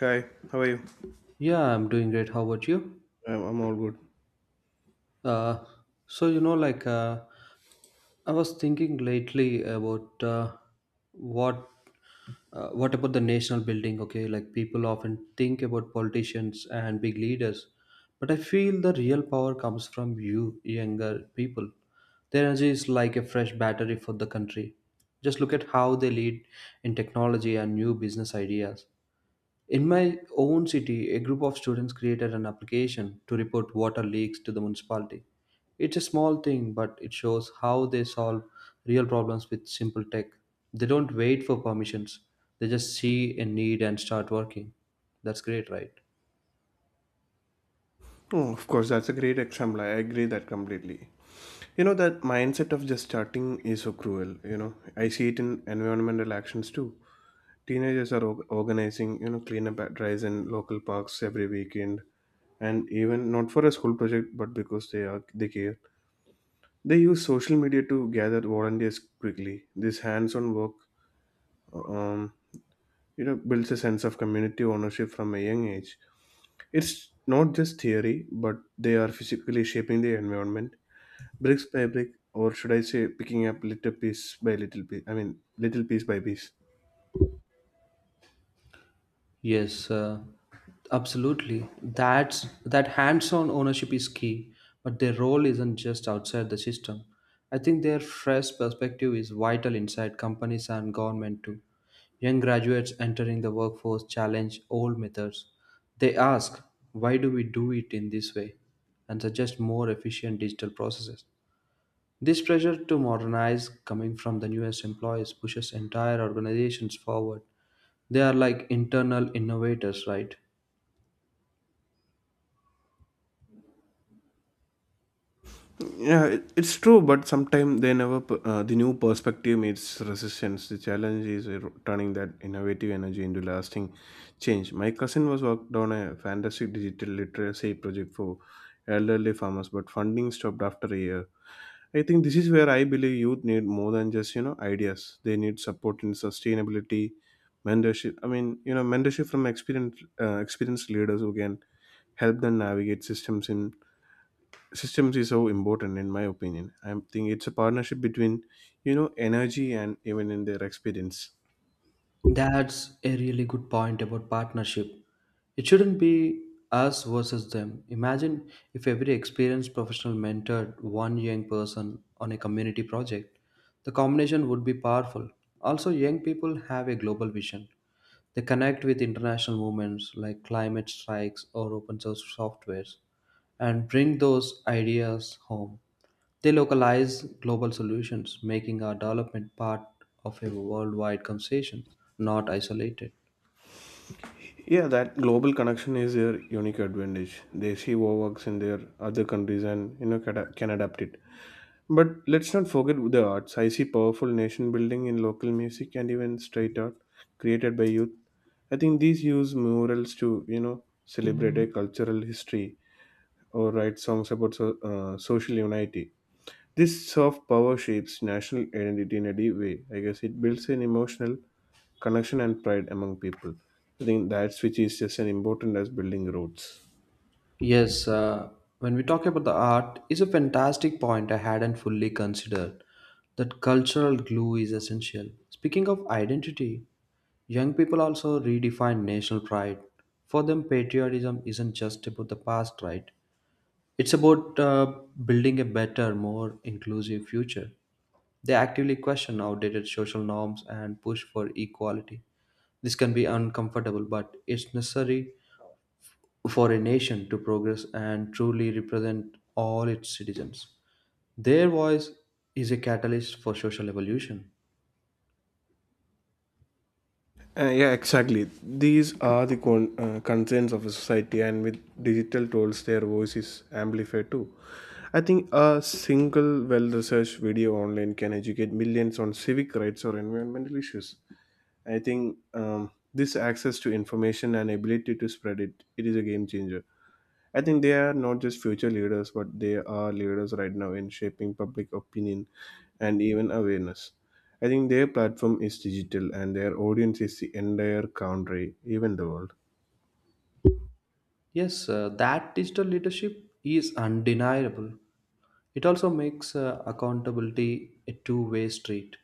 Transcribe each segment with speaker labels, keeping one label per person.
Speaker 1: Hi, how are you?
Speaker 2: Yeah, I'm doing great. How about you?
Speaker 1: I'm all good.
Speaker 2: Uh, so you know, I was thinking lately about what what about the national building? Okay, like people often think about politicians and big leaders, but I feel the real power comes from you, younger people. Their energy is like a fresh battery for the country. Just look at how they lead in technology and new business ideas. In my own city, a group of students created an application to report water leaks to the municipality. It's a small thing, but it shows how they solve real problems with simple tech. They don't wait for permissions, they just see a need and start working. That's great, right?
Speaker 1: Oh, of course, that's a great example. I agree that completely. That mindset of just starting is so cruel. I see it in environmental actions too. Teenagers are organizing, cleanup at drives in local parks every weekend, and even not for a school project, but because they care. They use social media to gather volunteers quickly. This hands-on work, uh, um, builds a sense of community ownership from a young age. It's not just theory, but they are physically shaping the environment, bricks by brick, or should I say, picking up little piece by little piece. I mean, little piece by piece.
Speaker 2: Yes, absolutely. That hands-on ownership is key, but their role isn't just outside the system. I think their fresh perspective is vital inside companies and government too. Young graduates entering the workforce challenge old methods. They ask, why do we do it in this way? And suggest more efficient digital processes. This pressure to modernize coming from the newest employees pushes entire organizations forward. They are like internal innovators, right?
Speaker 1: Yeah, it's true, but sometimes they never. The new perspective meets resistance. The challenge is turning that innovative energy into lasting change. My cousin was worked on a fantastic digital literacy project for elderly farmers, but funding stopped after a year. I think this is where I believe youth need more than just ideas. They need support in sustainability, mentorship. I mean, mentorship from experienced leaders who can help them navigate systems. In systems is so important in my opinion. I think it's a partnership between energy and even in their experience.
Speaker 2: That's a really good point about partnership. It shouldn't be us versus them. Imagine if every experienced professional mentored one young person on a community project. The combination would be powerful. Also, young people have a global vision. They connect with international movements like climate strikes or open source softwares and bring those ideas home. They localize global solutions, making our development part of a worldwide conversation, not isolated.
Speaker 1: Yeah, that global connection is their unique advantage. They see what works in their other countries and can, can adapt it. But let's not forget the arts. I see powerful nation building in local music and even street art created by youth. I think these use murals to celebrate a cultural history or write songs about social unity. This soft power shapes national identity in a deep way. I guess it builds an emotional connection and pride among people. I think that's which is just as important as building roads.
Speaker 2: Yes, when we talk about the art, is a fantastic point I hadn't fully considered. That cultural glue is essential. Speaking of identity, young people also redefine national pride. For them, patriotism isn't just about the past, right? It's about building a better, more inclusive future. They actively question outdated social norms and push for equality. This can be uncomfortable, but it's necessary for a nation to progress and truly represent all its citizens. Their voice is a catalyst for social evolution.
Speaker 1: Yeah, exactly. These are the concerns of a society, and with digital tools, their voice is amplified too. I think a single well researched video online can educate millions on civic rights or environmental issues. I think this access to information and ability to spread it is a game changer. I think they are not just future leaders, but they are leaders right now in shaping public opinion and even awareness. I think their platform is digital and their audience is the entire country, even the world.
Speaker 2: Yes, that digital leadership is undeniable. It also makes accountability a two-way street.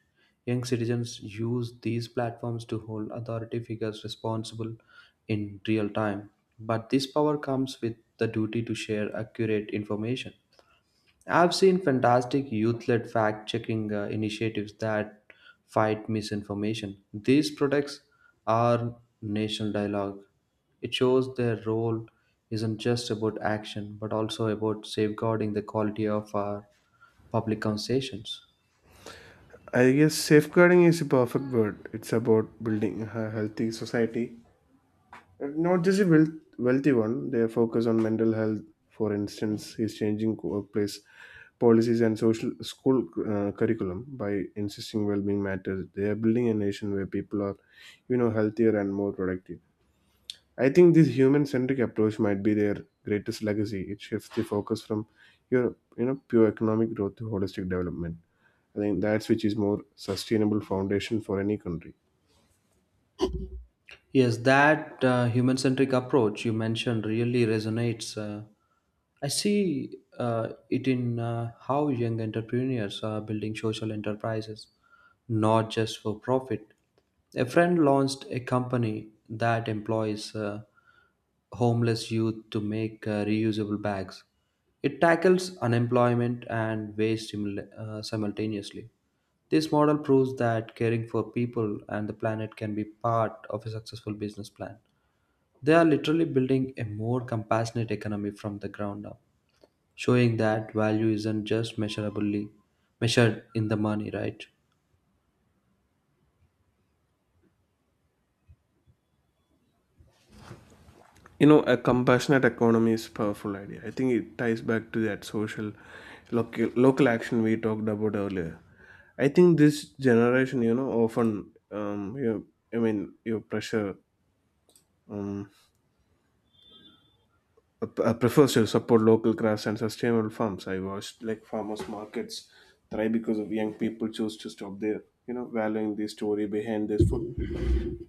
Speaker 2: Young citizens use these platforms to hold authority figures responsible in real time. But this power comes with the duty to share accurate information. I've seen fantastic youth led fact checking initiatives that fight misinformation. These products are national dialogue. It shows their role isn't just about action but also about safeguarding the quality of our public conversations.
Speaker 1: I guess safeguarding is a perfect word. It's about building a healthy society. Not just a wealthy one, their focus on mental health, for instance, is changing workplace policies and social school curriculum by insisting well-being matters. They are building a nation where people are, healthier and more productive. I think this human-centric approach might be their greatest legacy. It shifts the focus from your, pure economic growth to holistic development. I think that's which is more sustainable foundation for any country.
Speaker 2: Yes, that human centric approach you mentioned really resonates. I see it in how young entrepreneurs are building social enterprises, not just for profit. A friend launched a company that employs homeless youth to make reusable bags. It tackles unemployment and waste simultaneously. This model proves that caring for people and the planet can be part of a successful business plan. They are literally building a more compassionate economy from the ground up, showing that value isn't just measurably measured in the money, right?
Speaker 1: A compassionate economy is a powerful idea. I think it ties back to that social, local action we talked about earlier. I think this generation, often, I mean, your pressure um, prefers to support local crafts and sustainable farms. I watched like farmers markets thrive because of young people choose to stop there, valuing the story behind this food.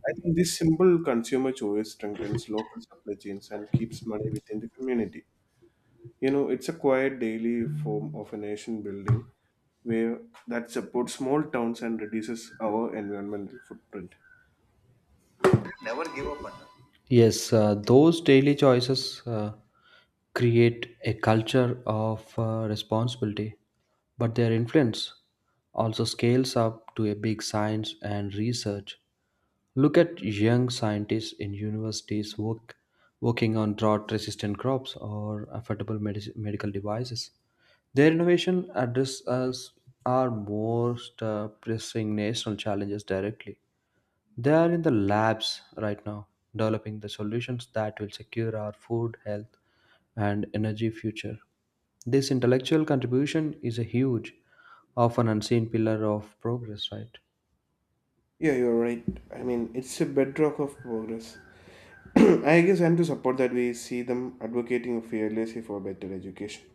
Speaker 1: I think this simple consumer choice strengthens local supply chains and keeps money within the community. It's a quiet daily form of a nation building where that supports small towns and reduces our environmental footprint.
Speaker 2: Yes, those daily choices create a culture of responsibility, but their influence also scales up to a big science and research. Look at young scientists in working on drought resistant crops or affordable medical devices. Their innovation addresses our most pressing national challenges directly. They are in the labs right now, developing the solutions that will secure our food, health, and energy future. This intellectual contribution is a huge, often unseen pillar of progress, right?
Speaker 1: Yeah, you're right. I mean, it's a bedrock of progress. I guess I'm to support that we see them advocating fearlessly for better education.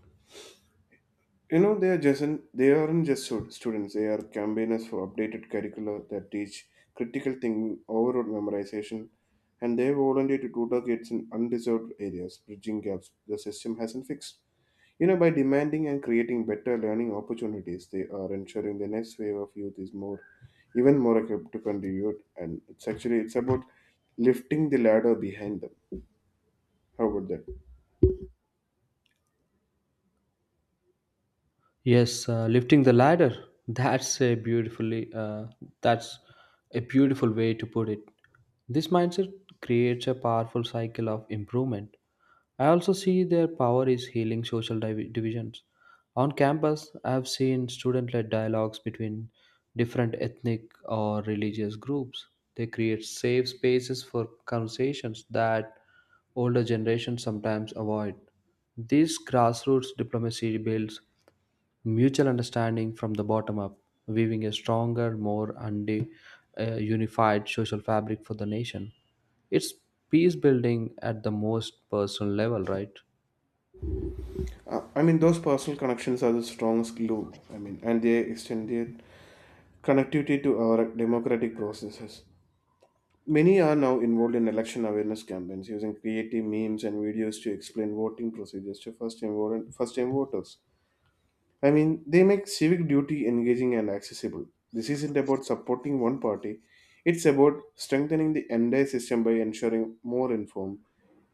Speaker 1: You know, they are just they aren't just students; they are campaigners for updated curricula that teach critical thinking, overload memorization, and they volunteer to tutor kids in undeserved areas, bridging gaps the system hasn't fixed. By demanding and creating better learning opportunities, they are ensuring the next wave of youth is even more equipped to contribute. And it's about lifting the ladder behind them. How about that?
Speaker 2: Yes, lifting the ladder. That's a beautiful way to put it. This mindset creates a powerful cycle of improvement. I also see their power is healing divisions. On campus, I have seen student led dialogues between different ethnic or religious groups. They create safe spaces for conversations that older generations sometimes avoid. This grassroots diplomacy builds mutual understanding from the bottom up, weaving a stronger, more unified social fabric for the nation. It's peace building at the most personal level, right?
Speaker 1: I mean, those personal connections are the strongest glue. I mean, and they extend their connectivity to our democratic processes. Many are now involved in election awareness campaigns using creative memes and videos to explain voting procedures to first-time voters. I mean, they make civic duty engaging and accessible. This isn't about supporting one party, it's about strengthening the entire system by ensuring more informed,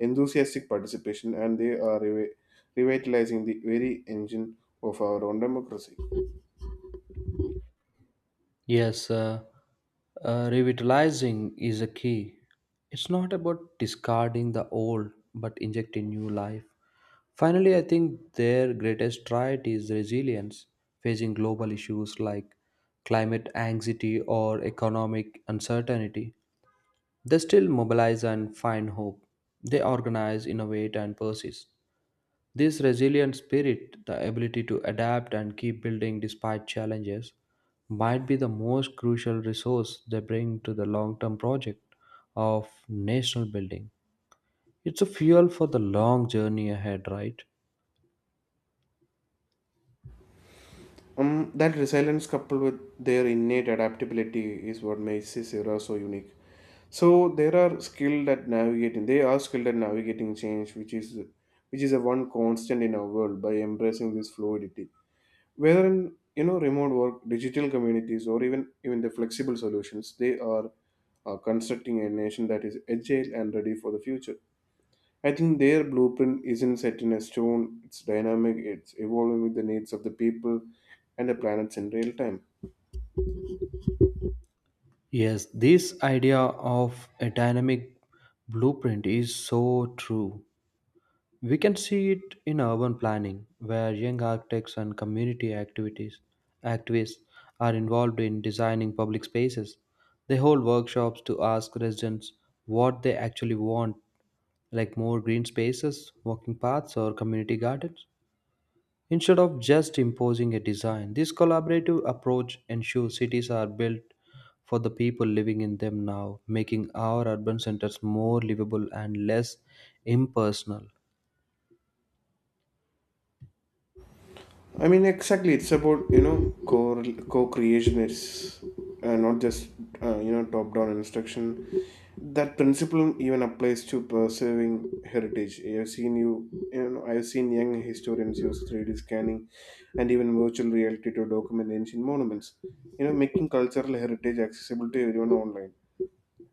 Speaker 1: enthusiastic participation, and they are revitalizing the very engine of our own democracy.
Speaker 2: Yes, revitalizing is a key. It's not about discarding the old but injecting new life. Finally, I think their greatest trait is resilience, facing global issues like climate anxiety or economic uncertainty. They still mobilize and find hope. They organize, innovate, and persist. This resilient spirit, the ability to adapt and keep building despite challenges, might be the most crucial resource they bring to the long term project of national building. It's a fuel for the long journey ahead, right?
Speaker 1: That resilience coupled with their innate adaptability is what makes this era so unique. So there are skilled at navigating. They are skilled at navigating change, which is a one constant in our world, by embracing this fluidity, whether in remote work digital communities, or even the flexible solutions they are constructing a nation that is agile and ready for the future. I think their blueprint isn't set in a stone. It's dynamic. It's evolving with the needs of the people and the planets in real time.
Speaker 2: Yes, this idea of a dynamic blueprint is so true. We can see it in urban planning, where young architects and community activities activists are involved in designing public spaces. They hold workshops to ask residents what they actually want, like more green spaces, walking paths, or community gardens. Instead of just imposing a design, this collaborative approach ensures cities are built for the people living in them now, making our urban centers more livable and less impersonal.
Speaker 1: I mean, exactly. It's about co co-creation. It's not just top-down instruction. That principle even applies to preserving heritage. I've seen young historians use 3D scanning and even virtual reality to document ancient monuments. Making cultural heritage accessible to everyone online.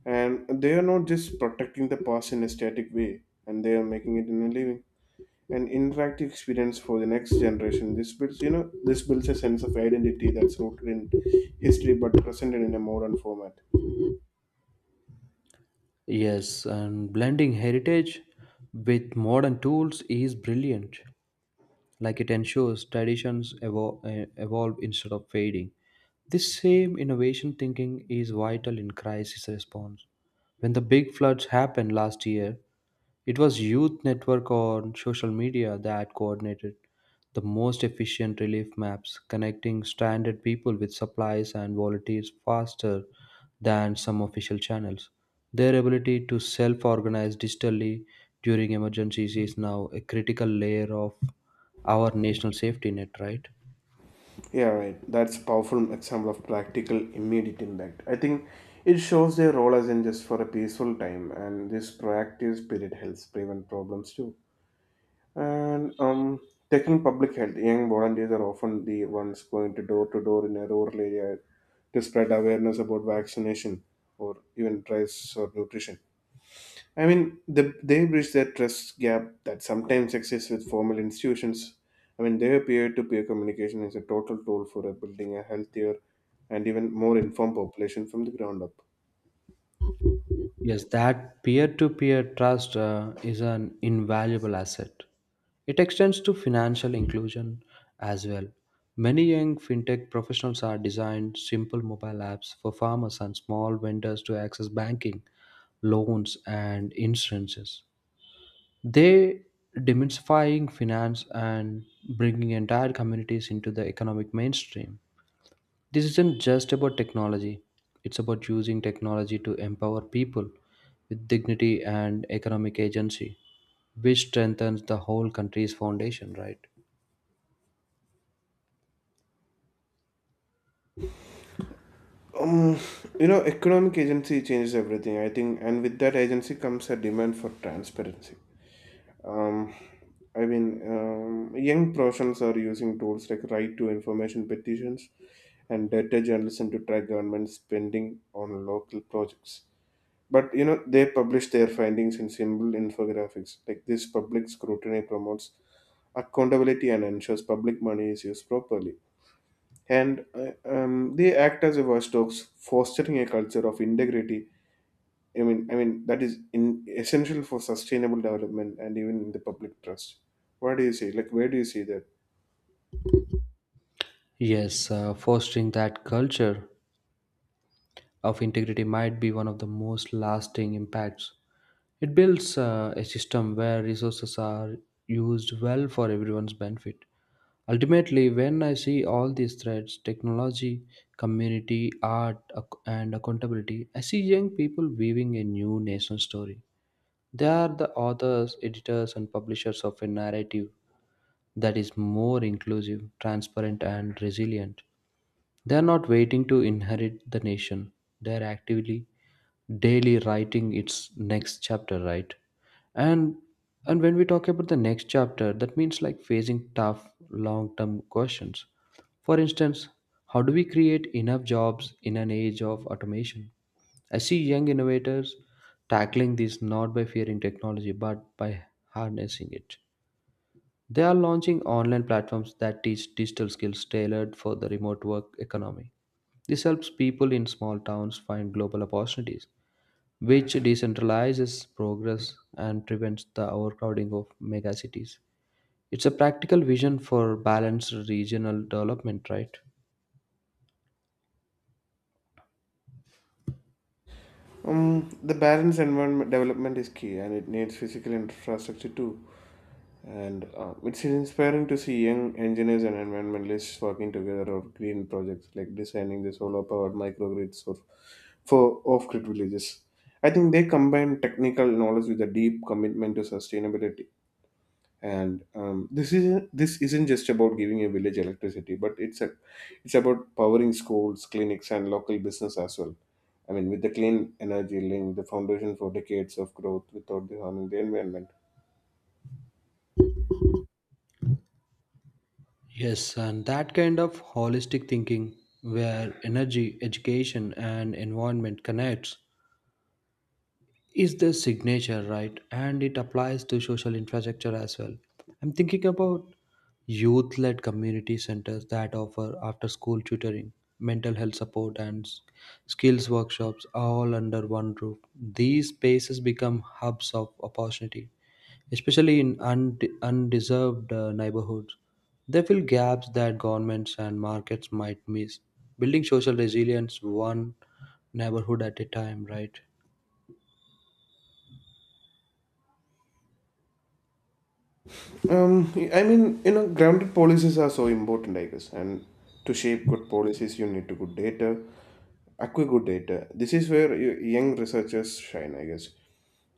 Speaker 1: And they are not just protecting the past in a static way, and they are making it in a living an interactive experience for the next generation. This builds a sense of identity that's rooted in history but presented in a modern format.
Speaker 2: Yes, and blending heritage with modern tools is brilliant. Like it ensures traditions evolve instead of fading. This same innovation thinking is vital in crisis response. When the big floods happened last year, it was Youth Network on social media that coordinated the most efficient relief maps, connecting stranded people with supplies and volunteers faster than some official channels. Their ability to self organize digitally during emergencies is now a critical layer of our national safety net, right?
Speaker 1: Yeah, right. That's a powerful example of practical, immediate impact. I think it shows their role as in just for a peaceful time, and this proactive spirit helps prevent problems too. And taking public health, young volunteers are often the ones going to door in a rural area to spread awareness about vaccination or even price or nutrition. I mean, they bridge that trust gap that sometimes exists with formal institutions. I mean, their peer to peer communication is a total tool for building a healthier and even more informed population from the ground up.
Speaker 2: Yes, that peer-to-peer trust is an invaluable asset. It extends to financial inclusion as well. Many young fintech professionals are designed simple mobile apps for farmers and small vendors to access banking, loans, and insurances. They demystifying finance and bringing entire communities into the economic mainstream. This isn't just about technology, it's about using technology to empower people with dignity and economic agency, which strengthens the whole country's foundation, right?
Speaker 1: Um, economic agency changes everything, I think, and with that agency comes a demand for transparency. Um, I mean, young professionals are using tools like right to information petitions and data journalism to track government spending on local projects. But they publish their findings in simple infographics. Like this public scrutiny promotes accountability and ensures public money is used properly. And they act as a watchdogs, fostering a culture of integrity. I mean that is essential for sustainable development and even in the public trust. What do you see? Like, where do you see that?
Speaker 2: Yes, fostering that culture of integrity might be one of the most lasting impacts. It builds a system where resources are used well for everyone's benefit. Ultimately, when I see all these threads technology, community, art, and accountability I see young people weaving a new nation story. They are the authors, editors, and publishers of a narrative that is more inclusive, transparent, and resilient. They are not waiting to inherit the nation. They are actively daily writing its next chapter, right? And and when we talk about the next chapter, that means like facing tough long-term questions. For instance, how do we create enough jobs in an age of automation? I see young innovators tackling this not by fearing technology but by harnessing it. They are launching online platforms that teach digital skills tailored for the remote work economy. This helps people in small towns find global opportunities, which decentralizes progress and prevents the overcrowding of megacities. It's a practical vision for balanced regional development, right?
Speaker 1: The balanced environment development is key, and it needs physical infrastructure too. And it's inspiring to see young engineers and environmentalists working together on green projects like designing the solar powered microgrids for off grid villages. I think they combine technical knowledge with a deep commitment to sustainability. And this isn't just about giving a village electricity, but it's about powering schools, clinics, and local business as well. I mean, with the clean energy link, the foundation for decades of growth without the harming the environment.
Speaker 2: Yes, and that kind of holistic thinking where energy, education, and environment connects is the signature, right? And it applies to social infrastructure as well. I'm thinking about youth led community centers that offer after school tutoring, mental health support, and skills workshops all under one roof. These spaces become hubs of opportunity, especially in undeserved neighborhoods. They fill gaps that governments and markets might miss, building social resilience one neighborhood at a time, right?
Speaker 1: I mean, grounded policies are so important, I guess. And to shape good policies, you need to good data, acquire good data. This is where young researchers shine, I guess.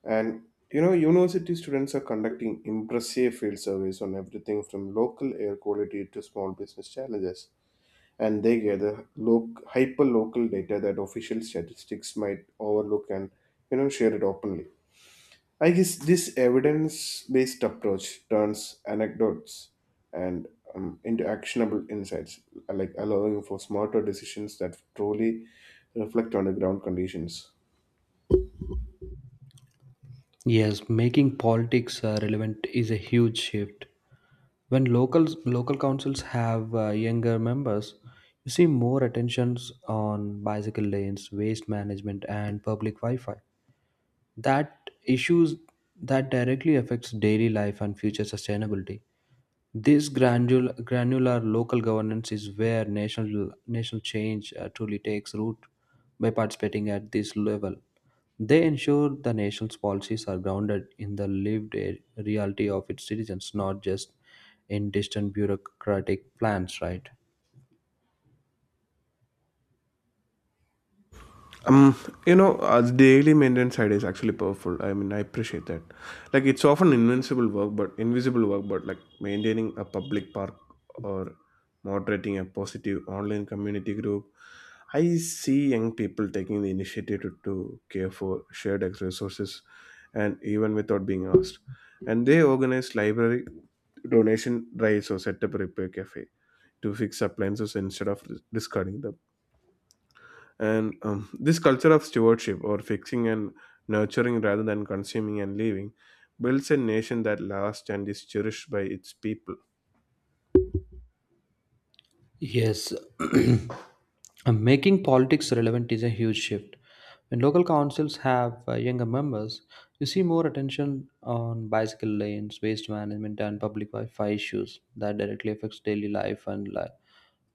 Speaker 1: And university students are conducting impressive field surveys on everything from local air quality to small business challenges. And they gather hyper local data that official statistics might overlook and share it openly. I guess this evidence based approach turns anecdotes and into actionable insights, like allowing for smarter decisions that truly reflect on the ground conditions.
Speaker 2: Yes, making politics relevant is a huge shift. When local councils have younger members, you see more attentions on bicycle lanes, waste management, and public Wi-Fi. That issues that directly affects daily life and future sustainability. This granular local governance is where national change truly takes root by participating at this level. They ensure the nation's policies are grounded in the lived reality of its citizens, not just in distant bureaucratic plans, right?
Speaker 1: Um, daily maintenance side is actually powerful. I mean, I appreciate that. Like, it's often invincible work, but invisible work, but like maintaining a public park or moderating a positive online community group. I see young people taking the initiative to care for shared resources and even without being asked. And they organize library donation drives or set up a repair cafe to fix appliances instead of discarding them and this culture of stewardship or fixing and nurturing rather than consuming and leaving builds a nation that lasts and is cherished by its people.
Speaker 2: Yes, making politics relevant is a huge shift. When local councils have younger members, you see more attention on bicycle lanes, waste management, and public Wi-Fi issues that directly affects daily life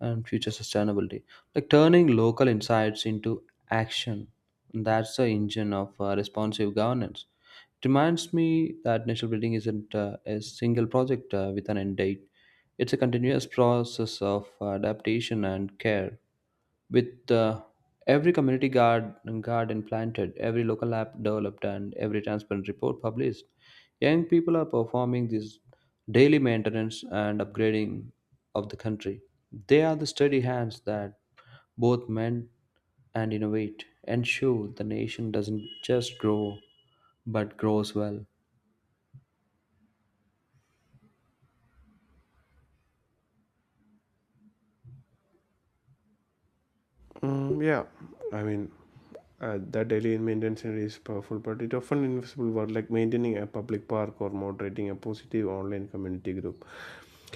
Speaker 2: and future sustainability. Like turning local insights into action, that's the engine of responsive governance. It reminds me that national building isn't a single project with an end date. It's a continuous process of adaptation and care. With every community guard, garden planted, every local app developed, and every transparent report published, young people are performing this daily maintenance and upgrading of the country. They are the steady hands that both mend and innovate, ensure the nation doesn't just grow but grows well.
Speaker 1: Mm, yeah, I mean, that daily maintenance is powerful, but it often invisible work like maintaining a public park or moderating a positive online community group.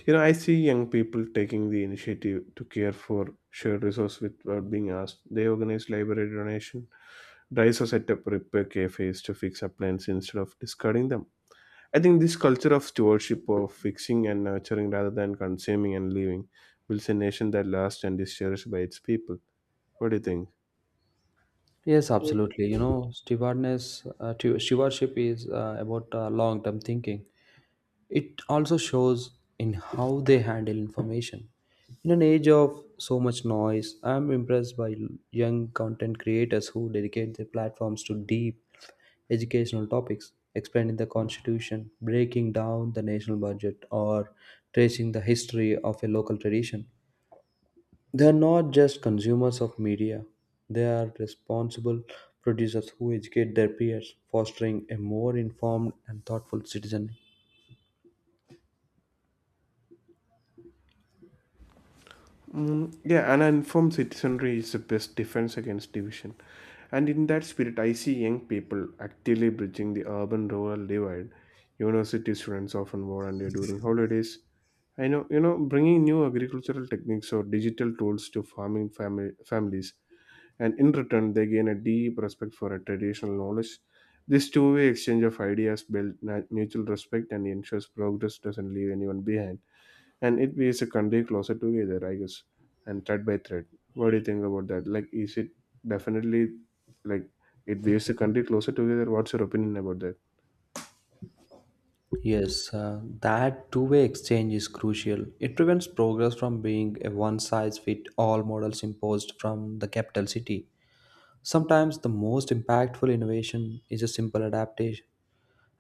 Speaker 1: You know, I see young people taking the initiative to care for shared resource without being asked. They organize library donation, drives, to set up repair cafes to fix appliances instead of discarding them. I think this culture of stewardship of fixing and nurturing rather than consuming and leaving builds a nation that lasts and is cherished by its people. What do you think?
Speaker 2: Yes, absolutely. You know, stewardship is about long-term thinking. It also shows in how they handle information. In an age of so much noise, I'm impressed by young content creators who dedicate their platforms to deep educational topics, explaining the constitution, breaking down the national budget, or tracing the history of a local tradition. They are not just consumers of media, they are responsible producers who educate their peers, fostering a more informed and thoughtful citizen.
Speaker 1: Mm, yeah, an informed citizenry is the best defense against division. And in that spirit, I see young people actively bridging the urban rural divide. University students often volunteer during holidays. I know, you know, bringing new agricultural techniques or digital tools to families, and in return, they gain a deep respect for a traditional knowledge. This two-way exchange of ideas builds mutual respect and ensures progress doesn't leave anyone behind, and it weaves a country closer together, I guess, and thread by thread. What do you think about that? Like, is it definitely, like, it weaves the country closer together? What's your opinion about that?
Speaker 2: Yes, that two-way exchange is crucial. It prevents progress from being a one size fit all models imposed from the capital city. Sometimes the most impactful innovation is a simple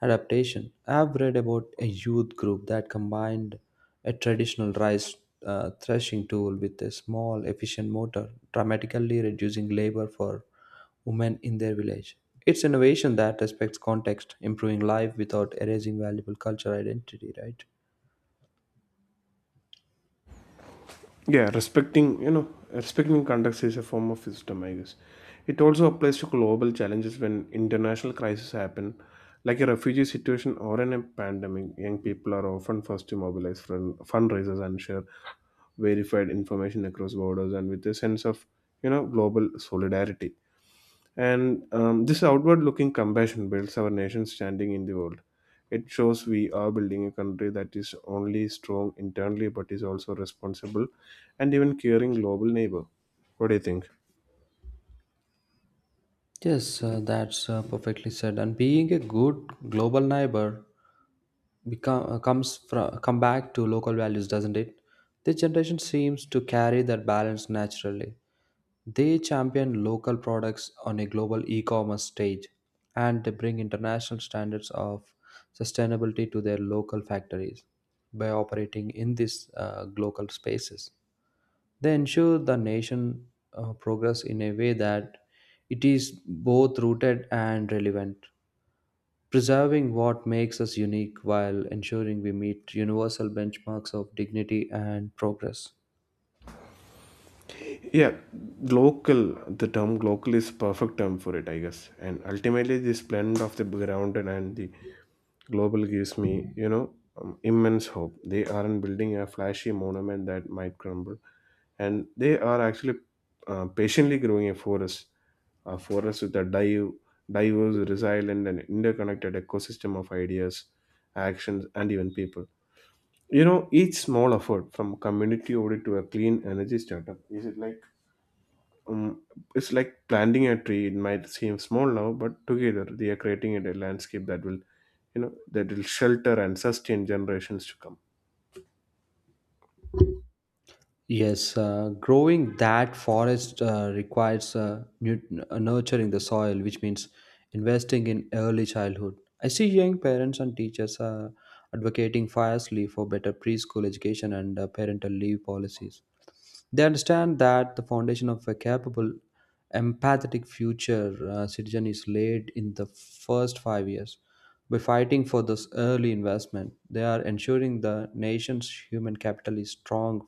Speaker 2: Adaptation. I've read about a youth group that combined a traditional rice threshing tool with a small, efficient motor, dramatically reducing labor for women in their village. It's innovation that respects context, improving life without erasing valuable cultural identity, right?
Speaker 1: Yeah, respecting, respecting context is a form of wisdom, I guess. It also applies to global challenges when international crises happen, like a refugee situation or in a pandemic. Young people are often first to mobilize fundraisers and share verified information across borders and with a sense of, you know, global solidarity. And this outward looking compassion builds our nation's standing in the world. It shows we are building a country that is only strong internally but is also responsible and even caring global neighbor. What do you think?
Speaker 2: Yes, that's perfectly said. And being a good global neighbor become comes from come back to local values, doesn't it? This generation seems to carry that balance naturally. They champion local products on a global e-commerce stage, and they bring international standards of sustainability to their local factories. By operating in these local spaces, they ensure the nation progress in a way that it is both rooted and relevant, preserving what makes us unique while ensuring we meet universal benchmarks of dignity and progress.
Speaker 1: Yeah, local, the term local is perfect term for it, I guess. And ultimately, this blend of the grounded and the global gives me, you know, immense hope. They aren't building a flashy monument that might crumble, and they are actually patiently growing a forest, a forest with a dive, diverse, resilient and interconnected ecosystem of ideas, actions and even people. You know, each small effort from community audit to a clean energy startup is it like, um, it's like planting a tree. It might seem small now, but together they are creating a landscape that will, you know, that will shelter and sustain generations to come.
Speaker 2: Yes, growing that forest requires nurturing the soil, which means investing in early childhood. I see young parents and teachers advocating fiercely for better preschool education and parental leave policies. They understand that the foundation of a capable, empathetic future citizen is laid in the first 5 years. By fighting for this early investment, they are ensuring the nation's human capital is strong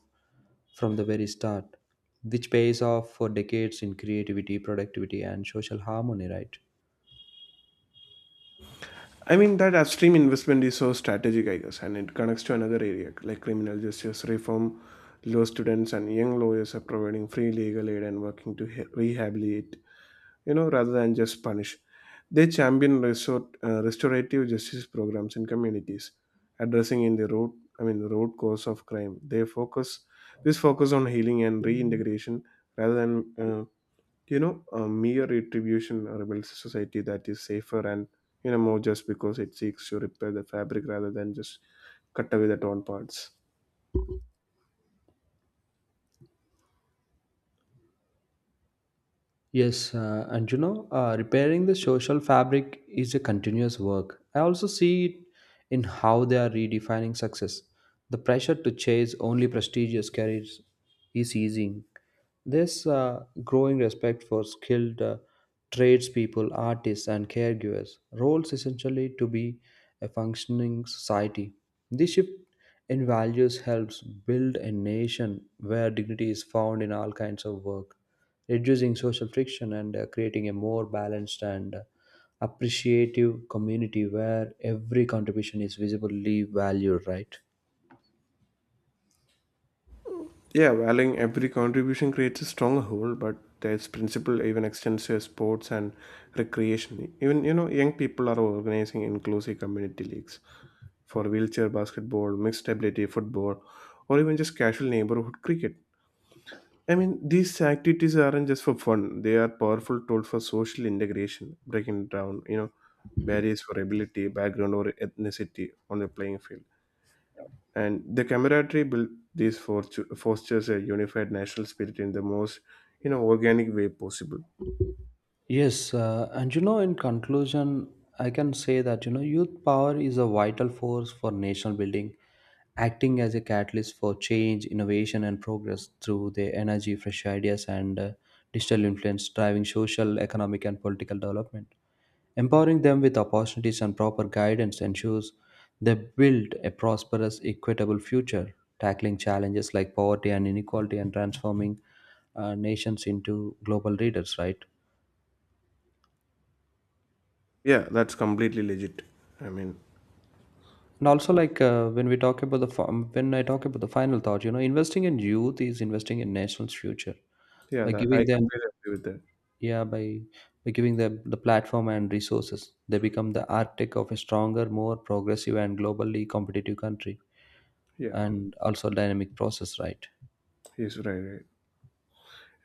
Speaker 2: from the very start, which pays off for decades in creativity, productivity, and social harmony, right?
Speaker 1: I mean, that upstream investment is so strategic, I guess, and it connects to another area like criminal justice reform. Law students and young lawyers are providing free legal aid and working to rehabilitate, you know, rather than just punish. They champion restorative justice programs in communities, addressing in the root I mean root cause of crime. They focus this focus on healing and reintegration rather than you know, a mere retribution, or builds society that is safer and, you know, more just because it seeks to repair the fabric rather than just cut away the torn parts.
Speaker 2: Yes, and you know, repairing the social fabric is a continuous work. I also see it in how they are redefining success. The pressure to chase only prestigious careers is easing, this growing respect for skilled tradespeople, artists, and caregivers roles essentially to be a functioning society. This shift in values helps build a nation where dignity is found in all kinds of work, reducing social friction and creating a more balanced and appreciative community where every contribution is visibly valued, right?
Speaker 1: Yeah, valuing every contribution creates a stronghold, but this principle even extends to sports and recreation. Even, you know, young people are organizing inclusive community leagues for wheelchair basketball, mixed ability football, or even just casual neighborhood cricket. I mean, these activities aren't just for fun; they are powerful tools for social integration, breaking down, you know, barriers for ability, background, or ethnicity on the playing field, and the camaraderie built fosters a unified national spirit in the most, you know, organic way possible.
Speaker 2: Yes, and you know, in conclusion, I can say that you know, youth power is a vital force for national building, acting as a catalyst for change, innovation, and progress through their energy, fresh ideas, and digital influence, driving social, economic, and political development. Empowering them with opportunities and proper guidance ensures they build a prosperous, equitable future, tackling challenges like poverty and inequality, and transforming nations into global leaders. Right.
Speaker 1: Yeah, that's completely legit. I mean,
Speaker 2: And also, like when we talk about when I talk about the final thought, you know, investing in youth is investing in nation's future
Speaker 1: yeah,
Speaker 2: by
Speaker 1: that I
Speaker 2: giving them,
Speaker 1: completely agree with that.
Speaker 2: yeah, by giving them the platform and resources. They become the architect of a stronger, more progressive, and globally competitive country,
Speaker 1: Yeah,
Speaker 2: and also dynamic process. Right?
Speaker 1: he's right, right.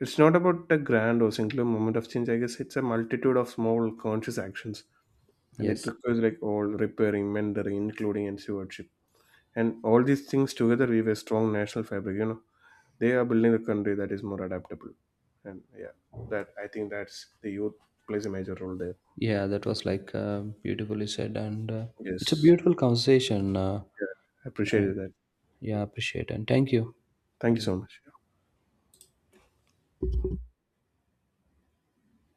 Speaker 1: It's not about a grand or singular moment of change, I guess. It's a multitude of small conscious actions, and it
Speaker 2: Yes.
Speaker 1: requires like all repairing, mentoring, including and stewardship, and all these things together weave a strong national fabric, you know. They are building a country that is more adaptable, and yeah, that I think that's the youth plays a major role there.
Speaker 2: Yeah, that was like beautifully said, and it's a
Speaker 1: Yes,
Speaker 2: beautiful conversation.
Speaker 1: yeah, I
Speaker 2: Uh,
Speaker 1: appreciated that.
Speaker 2: yeah, appreciate and thank you.
Speaker 1: Thank
Speaker 2: Have
Speaker 1: you
Speaker 2: a
Speaker 1: so much.